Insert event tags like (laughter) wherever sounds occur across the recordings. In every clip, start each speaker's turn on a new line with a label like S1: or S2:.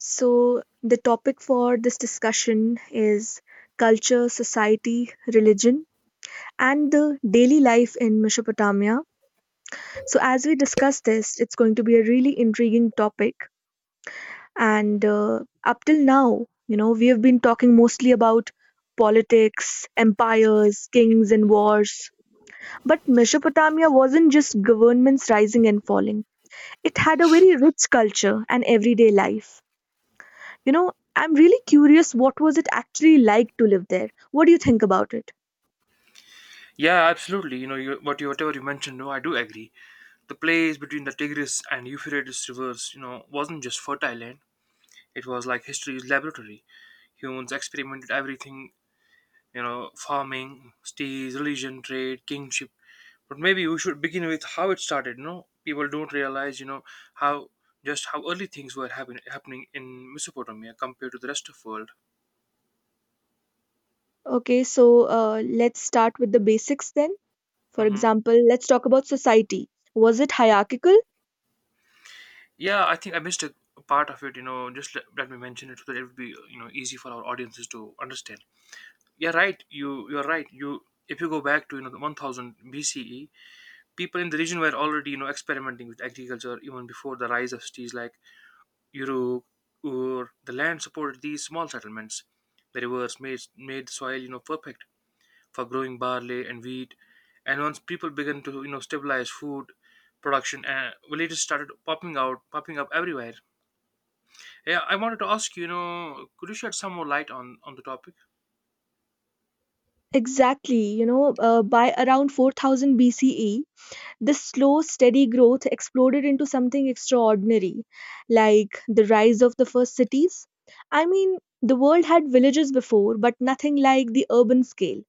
S1: So, the topic for this discussion is culture, society, religion, and the daily life in Mesopotamia. So, as we discuss this, it's going to be a really intriguing topic. And up till now, we have been talking mostly about politics, empires, kings, and wars. But Mesopotamia wasn't just governments rising and falling, it had a very rich culture and everyday life. I'm really curious what was it actually like to live there? What do you think about it?
S2: Yeah, absolutely. You know, you, what you whatever you mentioned, no, I do agree. The place between the Tigris and Euphrates rivers, wasn't just fertile land. It was like history's laboratory. Humans experimented everything, farming, steeds, religion, trade, kingship. But maybe we should begin with how it started. People don't realize, how just how early things were happening in Mesopotamia compared to the rest of world.
S1: Okay, so let's start with the basics then. For
S2: Mhm.
S1: example, let's talk about society. Was it hierarchical?
S2: Yeah, I think I missed a part of it. Just let me mention it so that it would be easy for our audiences to understand. Yeah, right. You're right. You if you go back to the 1000 BCE, people in the region were already experimenting with agriculture even before the rise of cities like Uruk, or the land supported these small settlements. The rivers made the soil perfect for growing barley and wheat, and once people began to stabilize food production, villages started popping up everywhere. Yeah, I wanted to ask you, could you shed some more light on the topic?
S1: Exactly, by around 4000 BCE, this slow, steady growth exploded into something extraordinary, like the rise of the first cities. I mean, the world had villages before, but nothing like the urban scale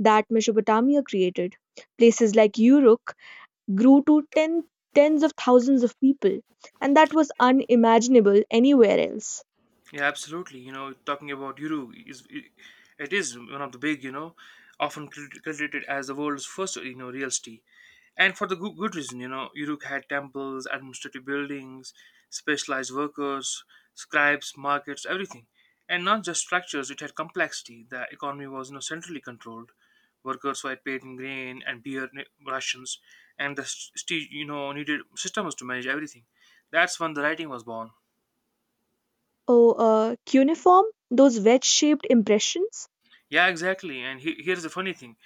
S1: that Mesopotamia created. Places like Uruk grew to tens of thousands of people, and that was unimaginable anywhere else.
S2: Yeah, absolutely. Talking about Uru, is it is one of the big, often credited as the world's first, real city, and for the good reason. Uruk had temples, administrative buildings, specialized workers, scribes, markets, everything. And not just structures, it had complexity. The economy was, centrally controlled. Workers were paid in grain and beer rations, and the needed systems to manage everything. That's when the writing was born.
S1: Oh, cuneiform, those wedge-shaped impressions,
S2: Yeah, exactly. And here's the funny thing: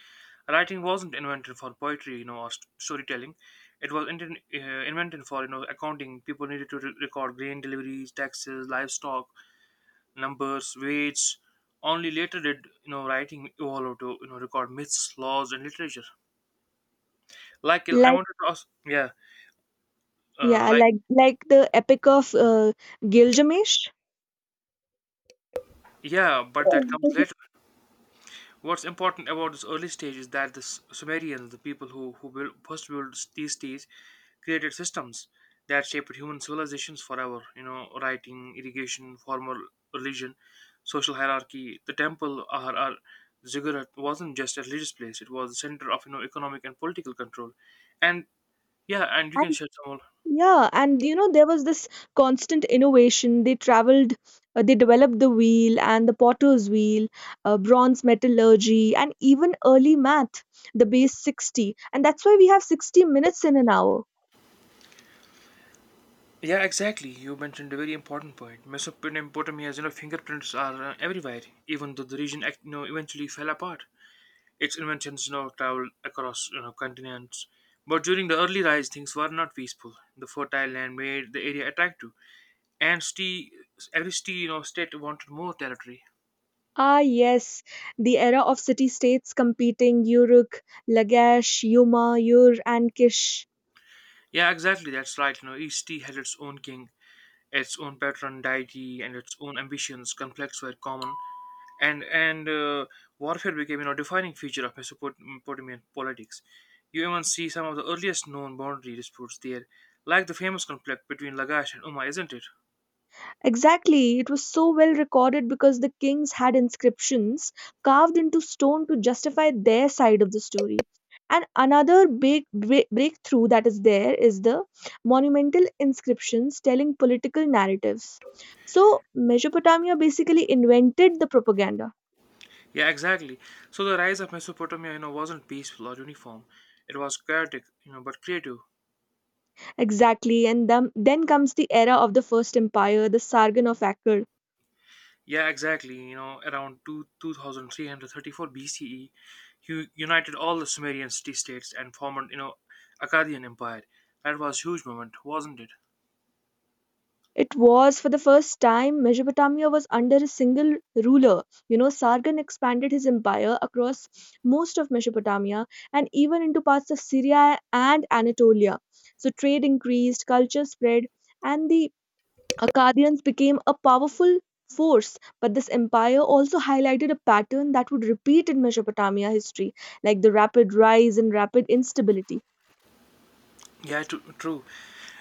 S2: writing wasn't invented for poetry, or storytelling. It was invented for, accounting. People needed to record grain deliveries, taxes, livestock, numbers, weights. Only later did, writing evolve to, record myths, laws, and literature. Like, I
S1: like,
S2: wanted to ask, yeah, uh,
S1: yeah,
S2: like,
S1: like the Epic of Gilgamesh.
S2: yeah, but that comes later. What's important about this early stage is that the Sumerians, the people who first built these cities, created systems that shaped human civilizations forever. Writing, irrigation, formal religion, social hierarchy. The temple, or ziggurat, wasn't just a religious place; it was the center of economic and political control. And yeah, and you can shed some more.
S1: Yeah, and there was this constant innovation. They traveled, they developed the wheel and the potter's wheel, bronze metallurgy, and even early math, the base 60. And that's why we have 60 minutes in an hour.
S2: Yeah, exactly. You mentioned a very important point. Mesopotamia's fingerprints are everywhere, even though the region eventually fell apart. Its inventions, traveled across continents. But during the early rise, things were not peaceful. The fertile land made the area attractive, and every state wanted more territory.
S1: Ah, yes, the era of city states competing Uruk, Lagash, Yuma, Ur, and Kish.
S2: Yeah, exactly. That's right. Each tea had its own king, its own patron deity, and its own ambitions. Conflicts were common, and warfare became defining feature of Mesopotamian politics. You even see some of the earliest known boundary disputes there, like the famous conflict between Lagash and Umma, isn't it?
S1: Exactly, it was so well recorded because the kings had inscriptions carved into stone to justify their side of the story. And another big breakthrough that is there is the monumental inscriptions telling political narratives. So, Mesopotamia basically invented the propaganda.
S2: Yeah, exactly. So the rise of Mesopotamia, wasn't peaceful or uniform. It was chaotic, but creative.
S1: Exactly, and then comes the era of the First Empire, the Sargon of Akkad.
S2: Yeah, exactly. Around 2334 BCE, he united all the Sumerian city-states and formed, Akkadian Empire. That was huge moment, wasn't it?
S1: It was for the first time Mesopotamia was under a single ruler. Sargon expanded his empire across most of Mesopotamia and even into parts of Syria and Anatolia. So trade increased, culture spread, and the Akkadians became a powerful force. But this empire also highlighted a pattern that would repeat in Mesopotamia history, like the rapid rise and rapid instability.
S2: Yeah, true.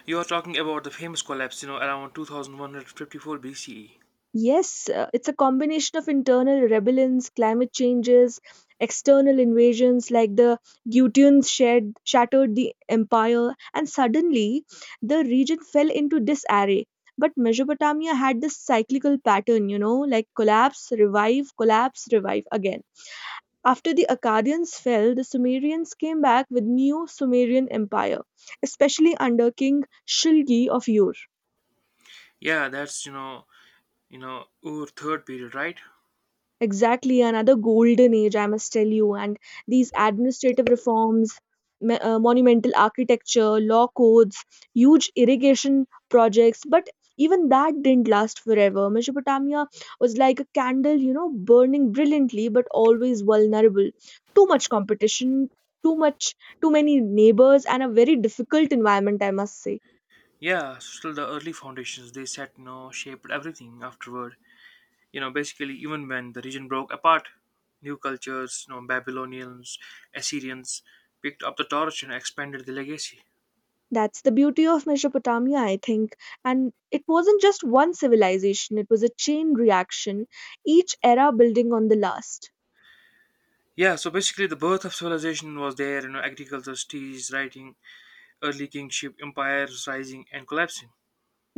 S2: You are talking about the famous collapse, around 2154 BCE.
S1: Yes, it's a combination of internal rebellions, climate changes, external invasions like the Gutians shattered the empire, and suddenly the region fell into disarray. But Mesopotamia had this cyclical pattern, like collapse, revive again. After the Akkadians fell, the Sumerians came back with new Sumerian empire, especially under King Shilgi of Ur.
S2: Yeah, that's, Ur third period, right?
S1: Exactly, another golden age, I must tell you. And these administrative reforms, monumental architecture, law codes, huge irrigation projects, but even that didn't last forever. Mesopotamia was like a candle, burning brilliantly but always vulnerable. Too much competition, too much, too many neighbors, and a very difficult environment, I must say.
S2: Yeah, so still the early foundations they set, shaped everything afterward. Basically, even when the region broke apart, new cultures, Babylonians, Assyrians, picked up the torch and expanded the legacy.
S1: That's the beauty of Mesopotamia, I think. And it wasn't just one civilization, it was a chain reaction, each era building on the last.
S2: Yeah, so basically, the birth of civilization was there. Agriculture, cities, writing, early kingship, empires rising and collapsing.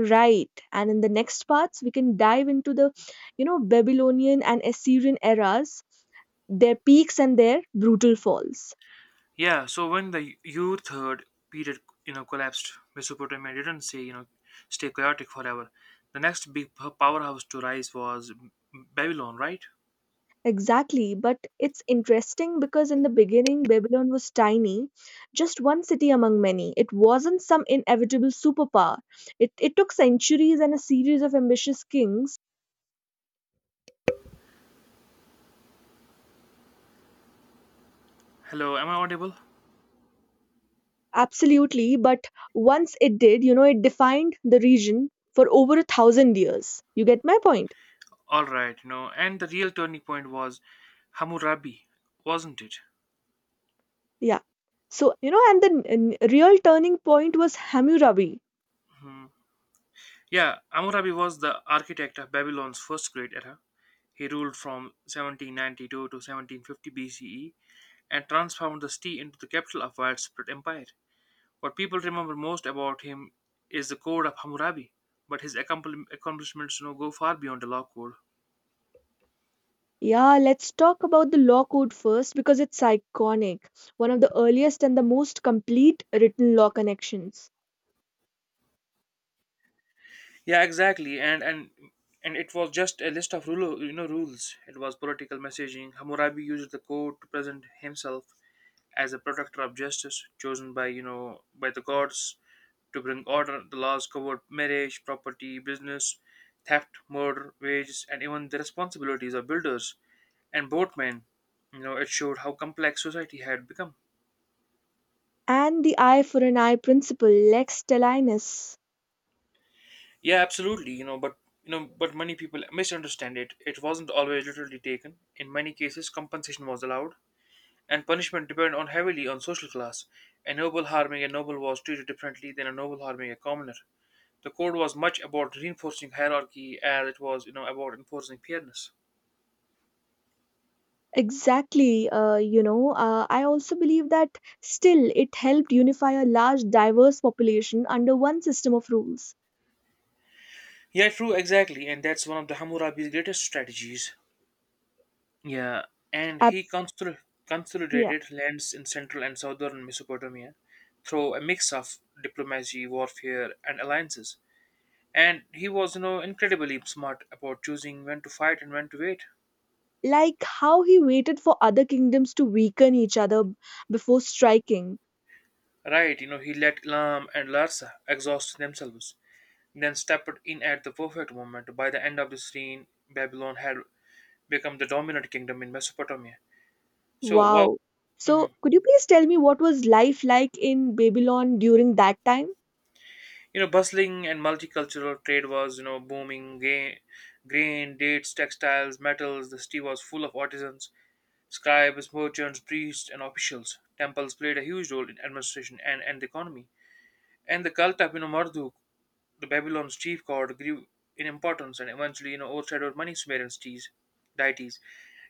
S1: Right. And in the next parts, we can dive into the Babylonian and Assyrian eras, their peaks and their brutal falls.
S2: Yeah, so when the U third period collapsed, Mesopotamia didn't say you know stay chaotic forever. The next big powerhouse to rise was Babylon, right?
S1: Exactly, but it's interesting because in the beginning, Babylon was tiny, just one city among many. It wasn't some inevitable superpower. It took centuries and a series of ambitious kings.
S2: Hello, am I audible?
S1: Absolutely, but once it did, it defined the region for over 1,000 years. You get my point?
S2: All right, and the real turning point was Hammurabi, wasn't it?
S1: Yeah. So, and the real turning point was Hammurabi.
S2: Mm. Yeah, Hammurabi was the architect of Babylon's first great era. He ruled from 1792 to 1750 BCE and transformed the city into the capital of widespread empire. What people remember most about him is the Code of Hammurabi, but his accomplishments, go far beyond the law code.
S1: Yeah, let's talk about the law code first because it's iconic, one of the earliest and the most complete written law connections.
S2: Yeah, exactly. And it was just a list of rules. It was political messaging. Hammurabi used the code to present himself as a protector of justice, chosen by you know by the gods to bring order. The laws covered marriage, property, business, theft, murder, wages, and even the responsibilities of builders and boatmen. It showed how complex society had become.
S1: And the eye for an eye principle, lex talionis.
S2: Yeah, absolutely. But many people misunderstand it. It wasn't always literally taken. In many cases, compensation was allowed, and punishment depended on heavily on social class. A noble harming a noble was treated differently than a noble harming a commoner. The code was much about reinforcing hierarchy as it was, about enforcing fairness.
S1: Exactly. I also believe that still it helped unify a large, diverse population under one system of rules.
S2: Yeah, true, exactly, and that's one of the Hammurabi's greatest strategies. Yeah, and he
S1: Ab- yeah.
S2: consolidated lands in central and southern Mesopotamia through a mix of diplomacy, warfare, and alliances. And he was, incredibly smart about choosing when to fight and when to wait.
S1: Like how he waited for other kingdoms to weaken each other before striking.
S2: Right, he let Elam and Larsa exhaust themselves, then stepped in at the perfect moment. By the end of this reign, Babylon had become the dominant kingdom in Mesopotamia. So, wow,
S1: Wow. So,
S2: mhm.
S1: could you please tell me what was life like in Babylon during that time?
S2: Bustling and multicultural trade was, booming. Grain, dates, textiles, metals. The city was full of artisans, scribes, merchants, priests, and officials. Temples played a huge role in administration and the economy. And the cult of, Marduk, the Babylon's chief god, grew in importance and eventually, overshadowed many Sumerian deities.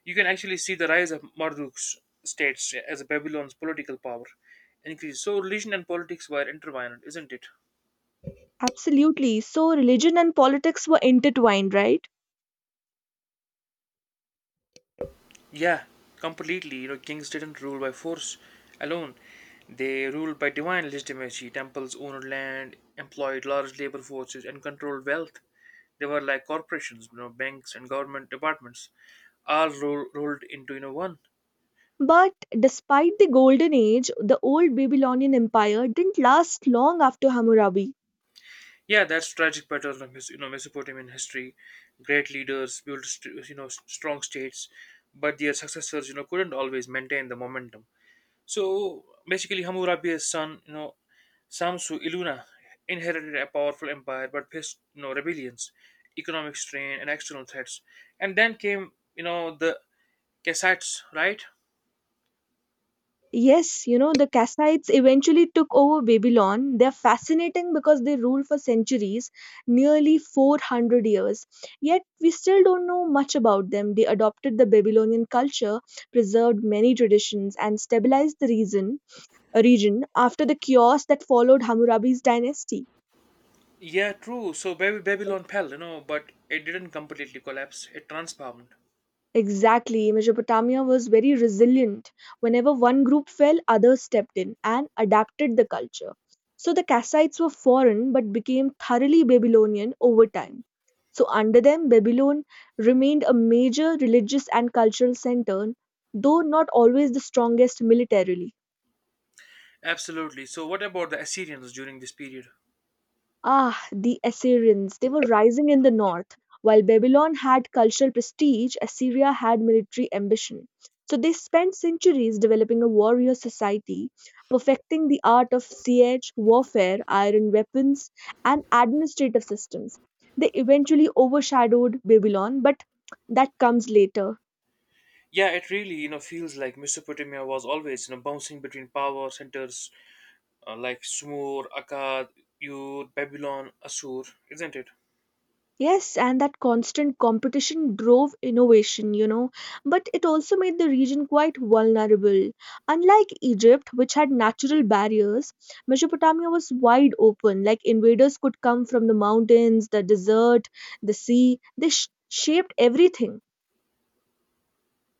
S2: You can actually see the rise of Marduk's states as Babylon's political power increased. So religion and politics were intertwined, isn't it?
S1: Absolutely. So religion and politics were intertwined, right?
S2: Yeah, completely. Kings didn't rule by force alone. They ruled by divine legitimacy. Temples owned land, employed large labor forces, and controlled wealth. They were like corporations, banks and government departments, all rolled into one.
S1: But despite the Golden Age, the old Babylonian Empire didn't last long after Hammurabi.
S2: Yeah, that's tragic pattern of Mesopotamian history. Great leaders built strong states, but their successors couldn't always maintain the momentum. So basically, Hammurabi's son, Samsu Iluna, inherited a powerful empire but faced rebellions, economic strain, and external threats. And then came the Kassites, right?
S1: Yes, the Kassites eventually took over Babylon. They're fascinating because they ruled for centuries, nearly 400 years. Yet, we still don't know much about them. They adopted the Babylonian culture, preserved many traditions, and stabilized the region after the chaos that followed Hammurabi's dynasty.
S2: Yeah, true. So Babylon fell, but it didn't completely collapse. It transformed.
S1: Exactly. Mesopotamia was very resilient. Whenever one group fell, others stepped in and adapted the culture. So the Kassites were foreign but became thoroughly Babylonian over time. So, under them, Babylon remained a major religious and cultural center, though not always the strongest militarily.
S2: Absolutely. So, what about the Assyrians during this period?
S1: Ah, the Assyrians. They were rising in the north. While Babylon had cultural prestige, Assyria had military ambition. So they spent centuries developing a warrior society, perfecting the art of siege, warfare, iron weapons, and administrative systems. They eventually overshadowed Babylon, but that comes later.
S2: Yeah, it really feels like Mesopotamia was always bouncing between power centers, like Sumur, Akkad, Ur, Babylon, Assur, isn't it?
S1: Yes, and that constant competition drove innovation, but it also made the region quite vulnerable. Unlike Egypt, which had natural barriers, Mesopotamia was wide open. Like invaders could come from the mountains, the desert, the sea. They shaped everything.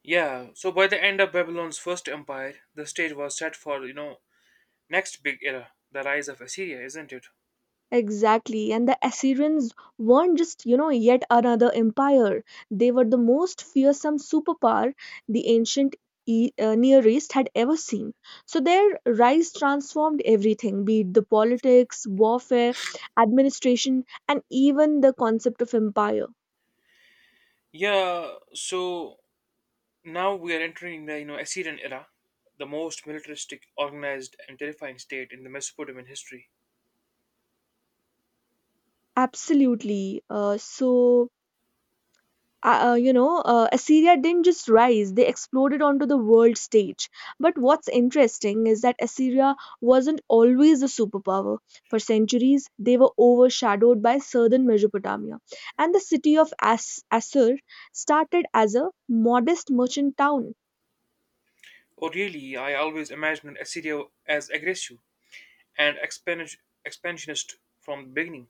S2: Yeah. So by the end of Babylon's first empire, the stage was set for next big era, the rise of Assyria, isn't it?
S1: Exactly. And the Assyrians weren't just, yet another empire. They were the most fearsome superpower the ancient Near East had ever seen. So their rise transformed everything, be it the politics, warfare, administration, and even the concept of empire.
S2: Yeah. So now we are entering the Assyrian era, the most militaristic, organized, and terrifying state in the Mesopotamian history.
S1: Absolutely. So, Assyria didn't just rise, they exploded onto the world stage. But what's interesting is that Assyria wasn't always a superpower. For centuries, they were overshadowed by southern Mesopotamia. And the city of Assur started as a modest merchant town.
S2: Really? I always imagined Assyria as aggressive and expansionist from the beginning.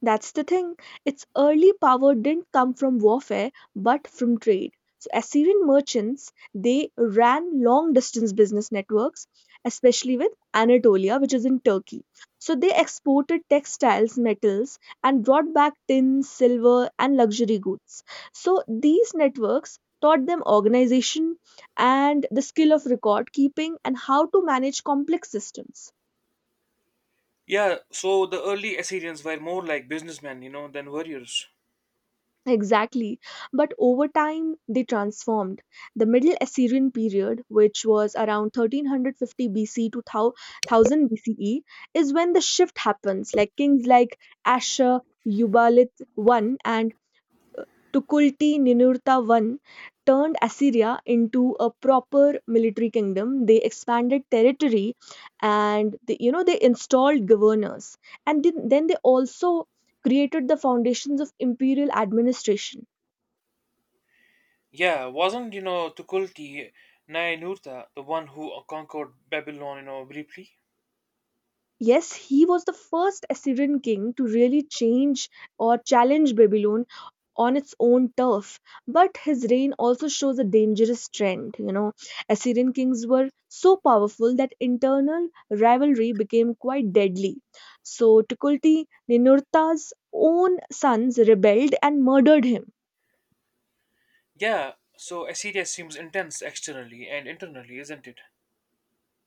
S1: That's the thing. Its early power didn't come from warfare, but from trade. So Assyrian merchants, they ran long distance business networks, especially with Anatolia, which is in Turkey. So they exported textiles, metals, and brought back tin, silver, and luxury goods. So these networks taught them organization and the skill of record keeping and how to manage complex systems.
S2: Yeah, so the early Assyrians were more like businessmen, than warriors.
S1: Exactly. But over time, they transformed. The Middle Assyrian period, which was around 1350 BC to 1000 BCE, is when the shift happens. Like kings like Ashur Ubalith I and Tukulti Ninurta I turned Assyria into a proper military kingdom. They expanded territory and they, you know they installed governors. And then they also created the foundations of imperial administration.
S2: Yeah, wasn't, Tukulti Ninurta the one who conquered Babylon, briefly?
S1: Yes, he was the first Assyrian king to really change or challenge Babylon on its own turf. But his reign also shows a dangerous trend. Assyrian kings were so powerful that internal rivalry became quite deadly. So Tukulti Ninurta's own sons rebelled and murdered him.
S2: Yeah, so Assyria seems intense externally and internally, isn't it?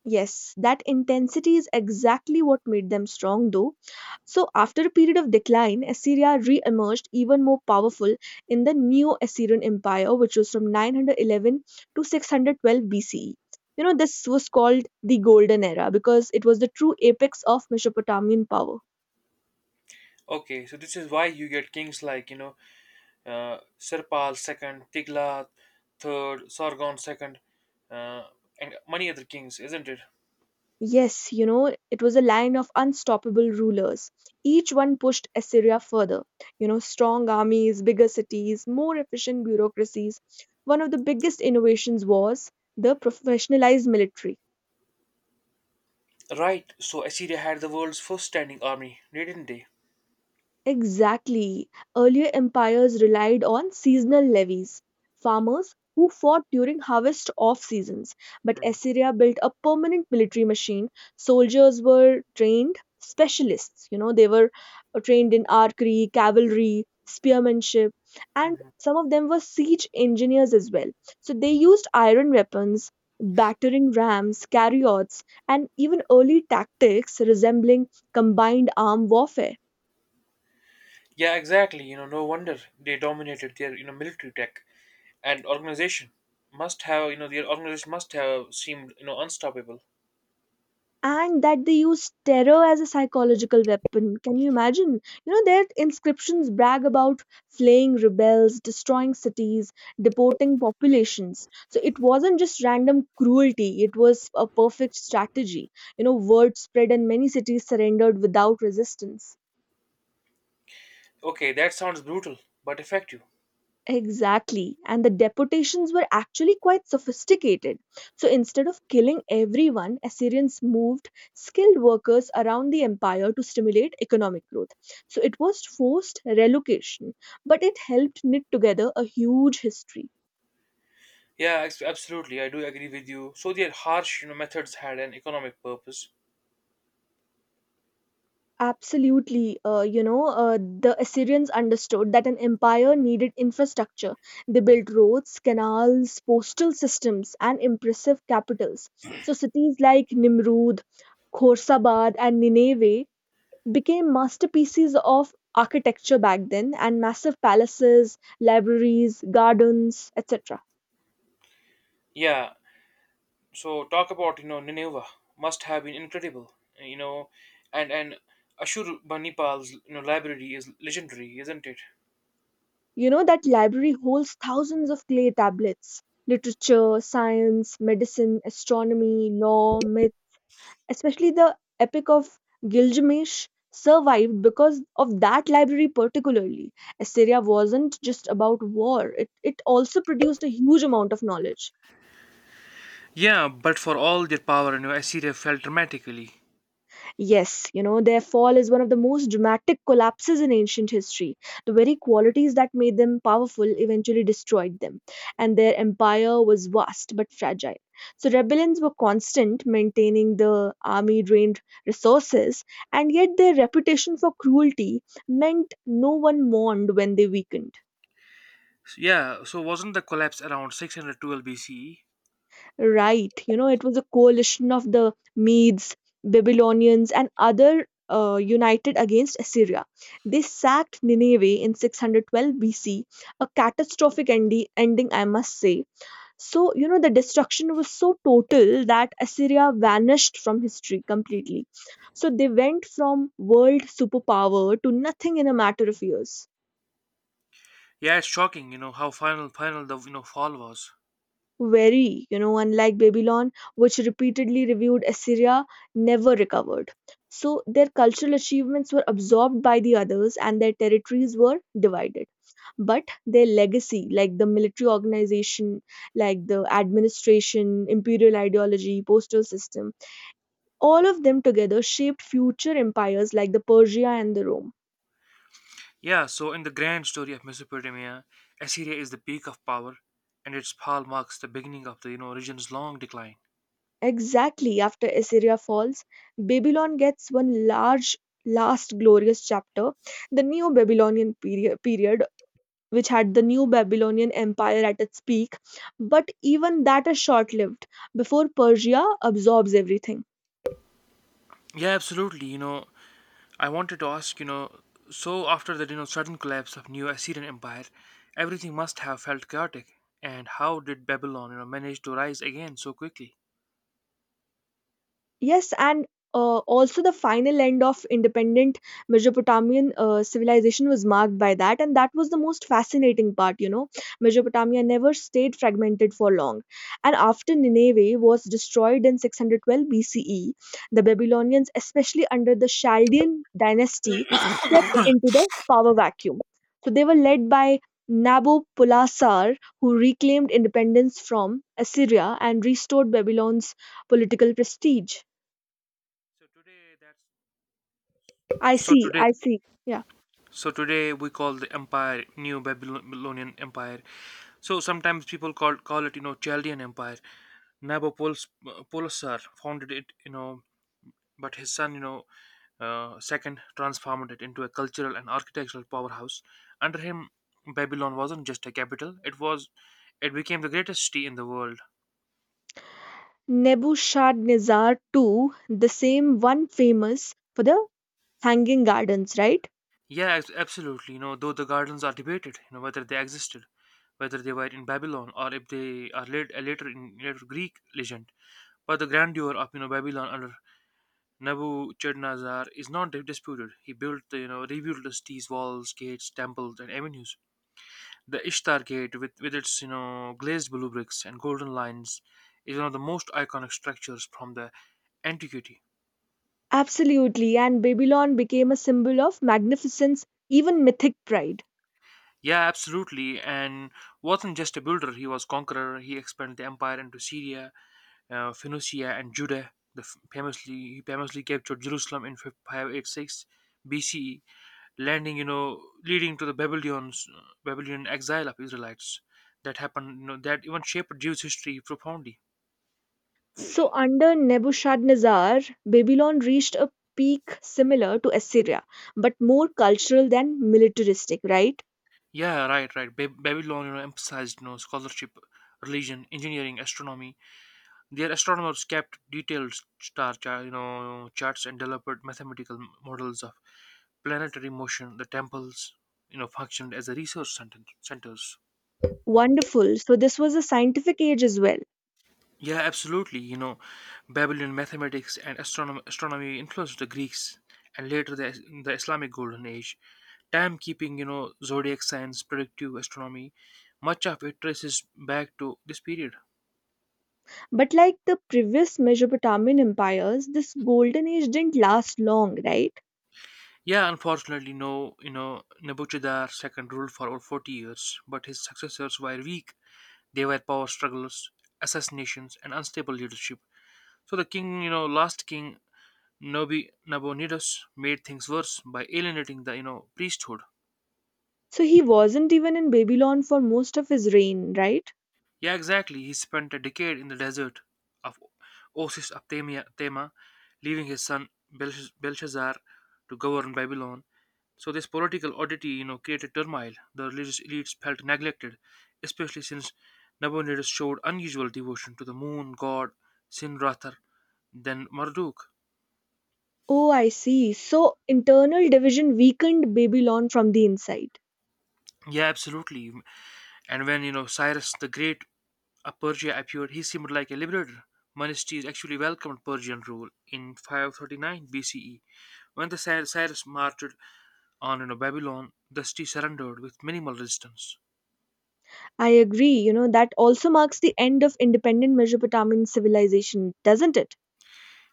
S1: Yes, that intensity is exactly what made them strong, though. So, after a period of decline, Assyria re emerged even more powerful in the Neo Assyrian Empire, which was from 911 to 612 BCE. This was called the Golden Era because it was the true apex of Mesopotamian power.
S2: Okay, so this is why you get kings like, Serpal second, Tiglath third, Sargon second, uh, and many other kings, isn't it?
S1: Yes, it was a line of unstoppable rulers. Each one pushed Assyria further. Strong armies, bigger cities, more efficient bureaucracies. One of the biggest innovations was the professionalized military.
S2: Right, so Assyria had the world's first standing army, didn't they?
S1: Exactly. Earlier empires relied on seasonal levies, farmers who fought during harvest off seasons. But
S2: Mhm.
S1: Assyria built a permanent military machine. Soldiers were trained specialists, they were trained in archery, cavalry, spearmanship, and some of them were siege engineers as well. So they used iron weapons, battering rams, chariots, and even early tactics resembling combined arm warfare.
S2: Yeah, exactly. No wonder they dominated their, military tech and organization must have, you know, their organization must have seemed, unstoppable.
S1: And that they used terror as a psychological weapon. Can you imagine? Their inscriptions brag about flaying rebels, destroying cities, deporting populations. So it wasn't just random cruelty, it was a perfect strategy. Word spread and many cities surrendered without resistance.
S2: Okay, that sounds brutal, but effective.
S1: Exactly. And the deportations were actually quite sophisticated. So instead of killing everyone, Assyrians moved skilled workers around the empire to stimulate economic growth. So it was forced relocation, but it helped knit together a huge history.
S2: Yeah, absolutely. I do agree with you. So their harsh, methods had an economic purpose.
S1: Absolutely. The Assyrians understood that an empire needed infrastructure. They built roads, canals, postal systems, and impressive capitals. So, cities like Nimrud, Khorsabad, and Nineveh became masterpieces of architecture back then, and massive palaces, libraries, gardens, etc.
S2: Yeah. So talk about Nineveh must have been incredible. You know, and Ashurbanipal's library is legendary, isn't it?
S1: That library holds thousands of clay tablets. Literature, science, medicine, astronomy, law, myth especially the epic of Gilgamesh, survived because of that library particularly. Assyria wasn't just about war, it also produced a huge amount of knowledge.
S2: Yeah, but for all their power, Assyria fell dramatically.
S1: Yes, their fall is one of the most dramatic collapses in ancient history. The very qualities that made them powerful eventually destroyed them, and their empire was vast but fragile. So, rebellions were constant, maintaining the army drained resources, and yet their reputation for cruelty meant no one mourned when they weakened.
S2: Yeah. So wasn't the collapse around 612 BCE?
S1: Right. It was a coalition of the Medes, Babylonians, and other united against Assyria. They sacked Nineveh in 612 BC, a catastrophic ending, I must say. So, the destruction was so total that Assyria vanished from history completely. So, they went from world superpower to nothing in a matter of years.
S2: Yeah, it's shocking. You know how final the fall was.
S1: Very, unlike Babylon, which repeatedly reviewed Assyria, never recovered. So their cultural achievements were absorbed by the others and their territories were divided. But their legacy, like the military organization, like the administration, imperial ideology, postal system, all of them together shaped future empires like the Persia and the Rome.
S2: Yeah, so in the grand story of Mesopotamia, Assyria is the peak of power, and its fall marks the beginning of the region's long decline.
S1: Exactly after Assyria falls, Babylon gets one large, last glorious chapter, the neo Babylonian period, which had the New Babylonian Empire at its peak. But even that is short lived before Persia absorbs everything.
S2: Yeah, absolutely. I wanted to ask, so after the sudden collapse of New Assyrian Empire, everything must have felt chaotic. And how did Babylon, manage to rise again so quickly?
S1: Yes, and also the final end of independent Mesopotamian civilization was marked by that, and that was the most fascinating part. Mesopotamia never stayed fragmented for long, and after Nineveh was destroyed in 612 BCE, the Babylonians, especially under the Chaldean dynasty, stepped into the power vacuum. So they were led by Nabopolassar, who reclaimed independence from Assyria and restored Babylon's political prestige.
S2: So today, that's
S1: I
S2: so
S1: see,
S2: today.
S1: I see. Yeah.
S2: So today we call the empire New Babylonian Empire. So sometimes people call it Chaldean Empire. Nabopolassar founded it, but his son, second transformed it into a cultural and architectural powerhouse. Under him, Babylon wasn't just a capital; it became the greatest city in the world.
S1: Nebuchadnezzar too, the same one famous for the hanging gardens, right?
S2: Yeah, absolutely. You know, though the gardens are debated, you know, whether they existed, whether they were in Babylon or if they are later in later Greek legend. But the grandeur of Babylon under Nebuchadnezzar is not disputed. He built the, rebuilt the cities, walls, gates, temples, and avenues. The Ishtar Gate, with its glazed blue bricks and golden lines, is one of the most iconic structures from the antiquity.
S1: Absolutely. And Babylon became a symbol of magnificence, even mythic pride.
S2: Yeah, absolutely. And wasn't just a builder; he was conqueror. He expanded the empire into Syria, Phoenicia, and Judah. He famously captured Jerusalem in 586 BCE, leading to the Babylon's Babylonian exile of Israelites. That happened, that even shaped Jewish history profoundly.
S1: So under Nebuchadnezzar, Babylon reached a peak similar to Assyria, but more cultural than militaristic, right?
S2: Yeah, right, right. Babylon, you know, emphasized, you know, scholarship, religion, engineering, astronomy. Their astronomers kept detailed star charts and developed mathematical models of planetary motion. The temples, you know, functioned as a research centers.
S1: Wonderful. So this was a scientific age as well.
S2: Yeah, absolutely. You know, Babylonian mathematics and astronomy influenced the Greeks and later the Islamic Golden Age. Timekeeping, you know, zodiac signs, predictive astronomy, much of it traces back to this period.
S1: But like the previous Mesopotamian empires, this golden age didn't last long, right?
S2: Yeah, unfortunately, no, you know, Nebuchadnezzar II ruled for over 40 years, but his successors were weak. They were power struggles, assassinations, and unstable leadership. So the king, you know, last king, Nobi Nabonidus, made things worse by alienating the priesthood.
S1: So he wasn't even in Babylon for most of his reign, right?
S2: Yeah, exactly. He spent a decade in the desert of Tema, leaving his son Belshazzar to govern Babylon. So this political oddity, you know, created turmoil. The religious elites felt neglected, especially since Nabonidus showed unusual devotion to the moon god Sinrathar than Marduk.
S1: Oh, I see. So internal division weakened Babylon from the inside.
S2: Yeah, absolutely. And when Cyrus the Great A Persia appeared, he seemed like a liberator. Menesthenes actually welcomed Persian rule in 539 BCE. When the Cyrus marched on Babylon, the city surrendered with minimal resistance.
S1: I agree. That also marks the end of independent Mesopotamian civilization, doesn't it?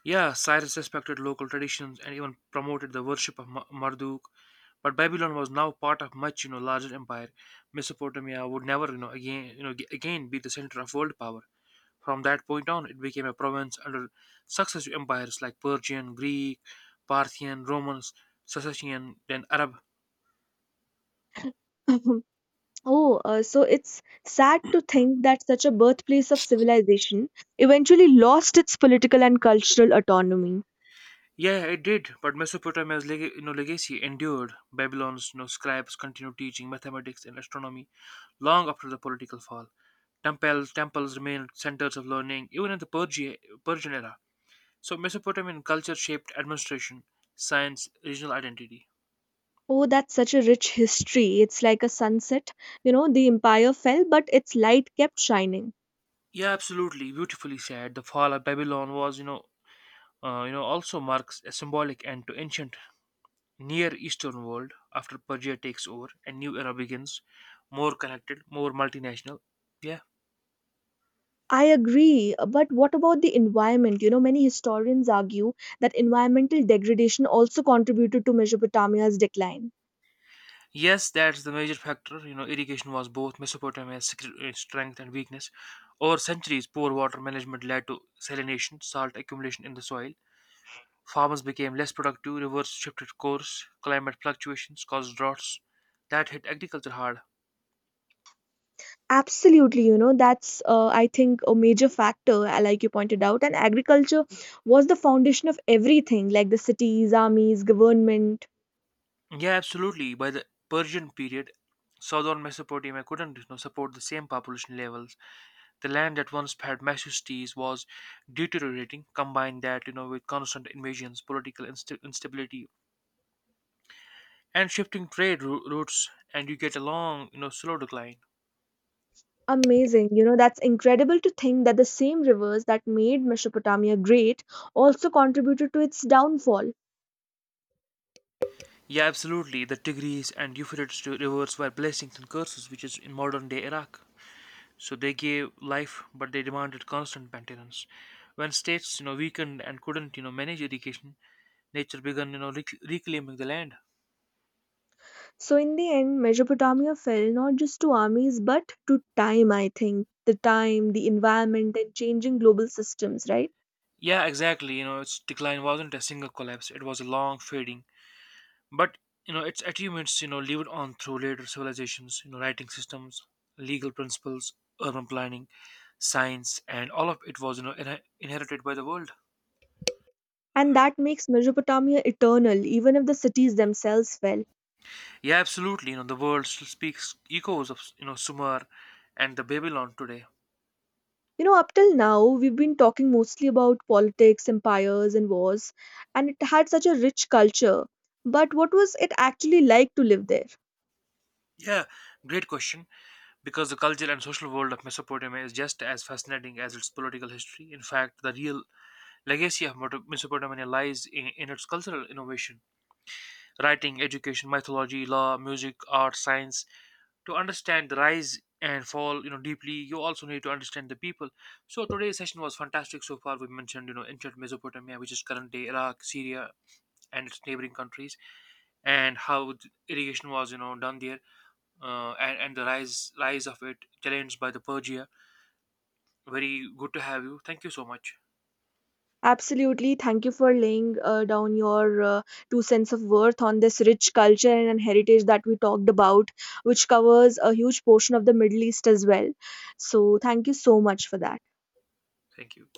S2: Yeah, Cyrus respected local traditions and even promoted the worship of Marduk, but Babylon was now part of much larger empire. Mesopotamia would never again again be the center of world power. From that point on, it became a province under successive empires like Persian, Greek, Parthian, Romans, Sasanian, then Arab.
S1: (laughs) Oh, so it's sad to think that such a birthplace of civilization eventually lost its political and cultural autonomy.
S2: Yeah, it did, but Mesopotamia's legacy endured. Babylon's, you know, scribes continued teaching mathematics and astronomy long after the political fall. Temples remained centers of learning even in the Persian era. So Mesopotamian culture shaped administration, science, regional identity.
S1: Oh, that's such a rich history. It's like a sunset. You know, the empire fell, but its light kept shining.
S2: Yeah, absolutely. Beautifully said. The fall of Babylon was, you know, also marks a symbolic end to ancient Near Eastern world after Persia takes over and new era begins, more connected, more multinational. Yeah.
S1: I agree, but what about the environment? You know, many historians argue that environmental degradation also contributed to Mesopotamia's decline.
S2: Yes, that's the major factor. You know, irrigation was both Mesopotamia's secret strength and weakness. Over centuries, poor water management led to salination, salt accumulation in the soil. Farmers became less productive, rivers shifted course, climate fluctuations caused droughts that hit agriculture hard.
S1: Absolutely, that's, I think, a major factor, like you pointed out. And agriculture was the foundation of everything, like the cities, armies, government.
S2: Yeah, absolutely. By the Persian period, southern Mesopotamia couldn't, you know, support the same population levels. The land that once had majesties was deteriorating. Combine that, you know, with constant invasions, political instability, and shifting trade routes, and you get a long, you know, slow decline.
S1: Amazing, that's incredible to think that the same rivers that made Mesopotamia great also contributed to its downfall.
S2: Yeah, absolutely. The Tigris and Euphrates rivers were blessings and curses, which is in modern day Iraq. So they gave life, but they demanded constant maintenance. When states, you know, weakened and couldn't, you know, manage education, nature began, you know, reclaiming the land.
S1: So, in the end, Mesopotamia fell not just to armies but to time, I think. The time, the environment, and changing global systems, right?
S2: Yeah, exactly. You know, its decline wasn't a single collapse; it was a long fading. But you know, its achievements, you know, lived on through later civilizations. You know, writing systems, legal principles, urban planning, science, and all of it was, you know, inherited by the world.
S1: And that makes Mesopotamia eternal, even if the cities themselves fell.
S2: Yeah, absolutely. You know, the world still speaks echoes of Sumer and the Babylon today.
S1: You know, up till now, we've been talking mostly about politics, empires, and wars, and it had such a rich culture. But what was it actually like to live there?
S2: Yeah, great question. Because the cultural and social world of Mesopotamia is just as fascinating as its political history. In fact, the real legacy of Mesopotamia lies in its cultural innovation, writing, education, mythology, law, music, art, science. To understand the rise and fall, you know, deeply, you also need to understand the people. So today's session was fantastic so far. We mentioned, you know, ancient Mesopotamia, which is current day Iraq, Syria, and its neighboring countries, and how irrigation was, you know, done there, and the rise of it, challenged by the Persia. Very good to have you. Thank you so much.
S1: Absolutely. Thank you for laying down your two cents of worth on this rich culture and heritage that we talked about, which covers a huge portion of the Middle East as well. So, thank you so much for that.
S2: Thank you.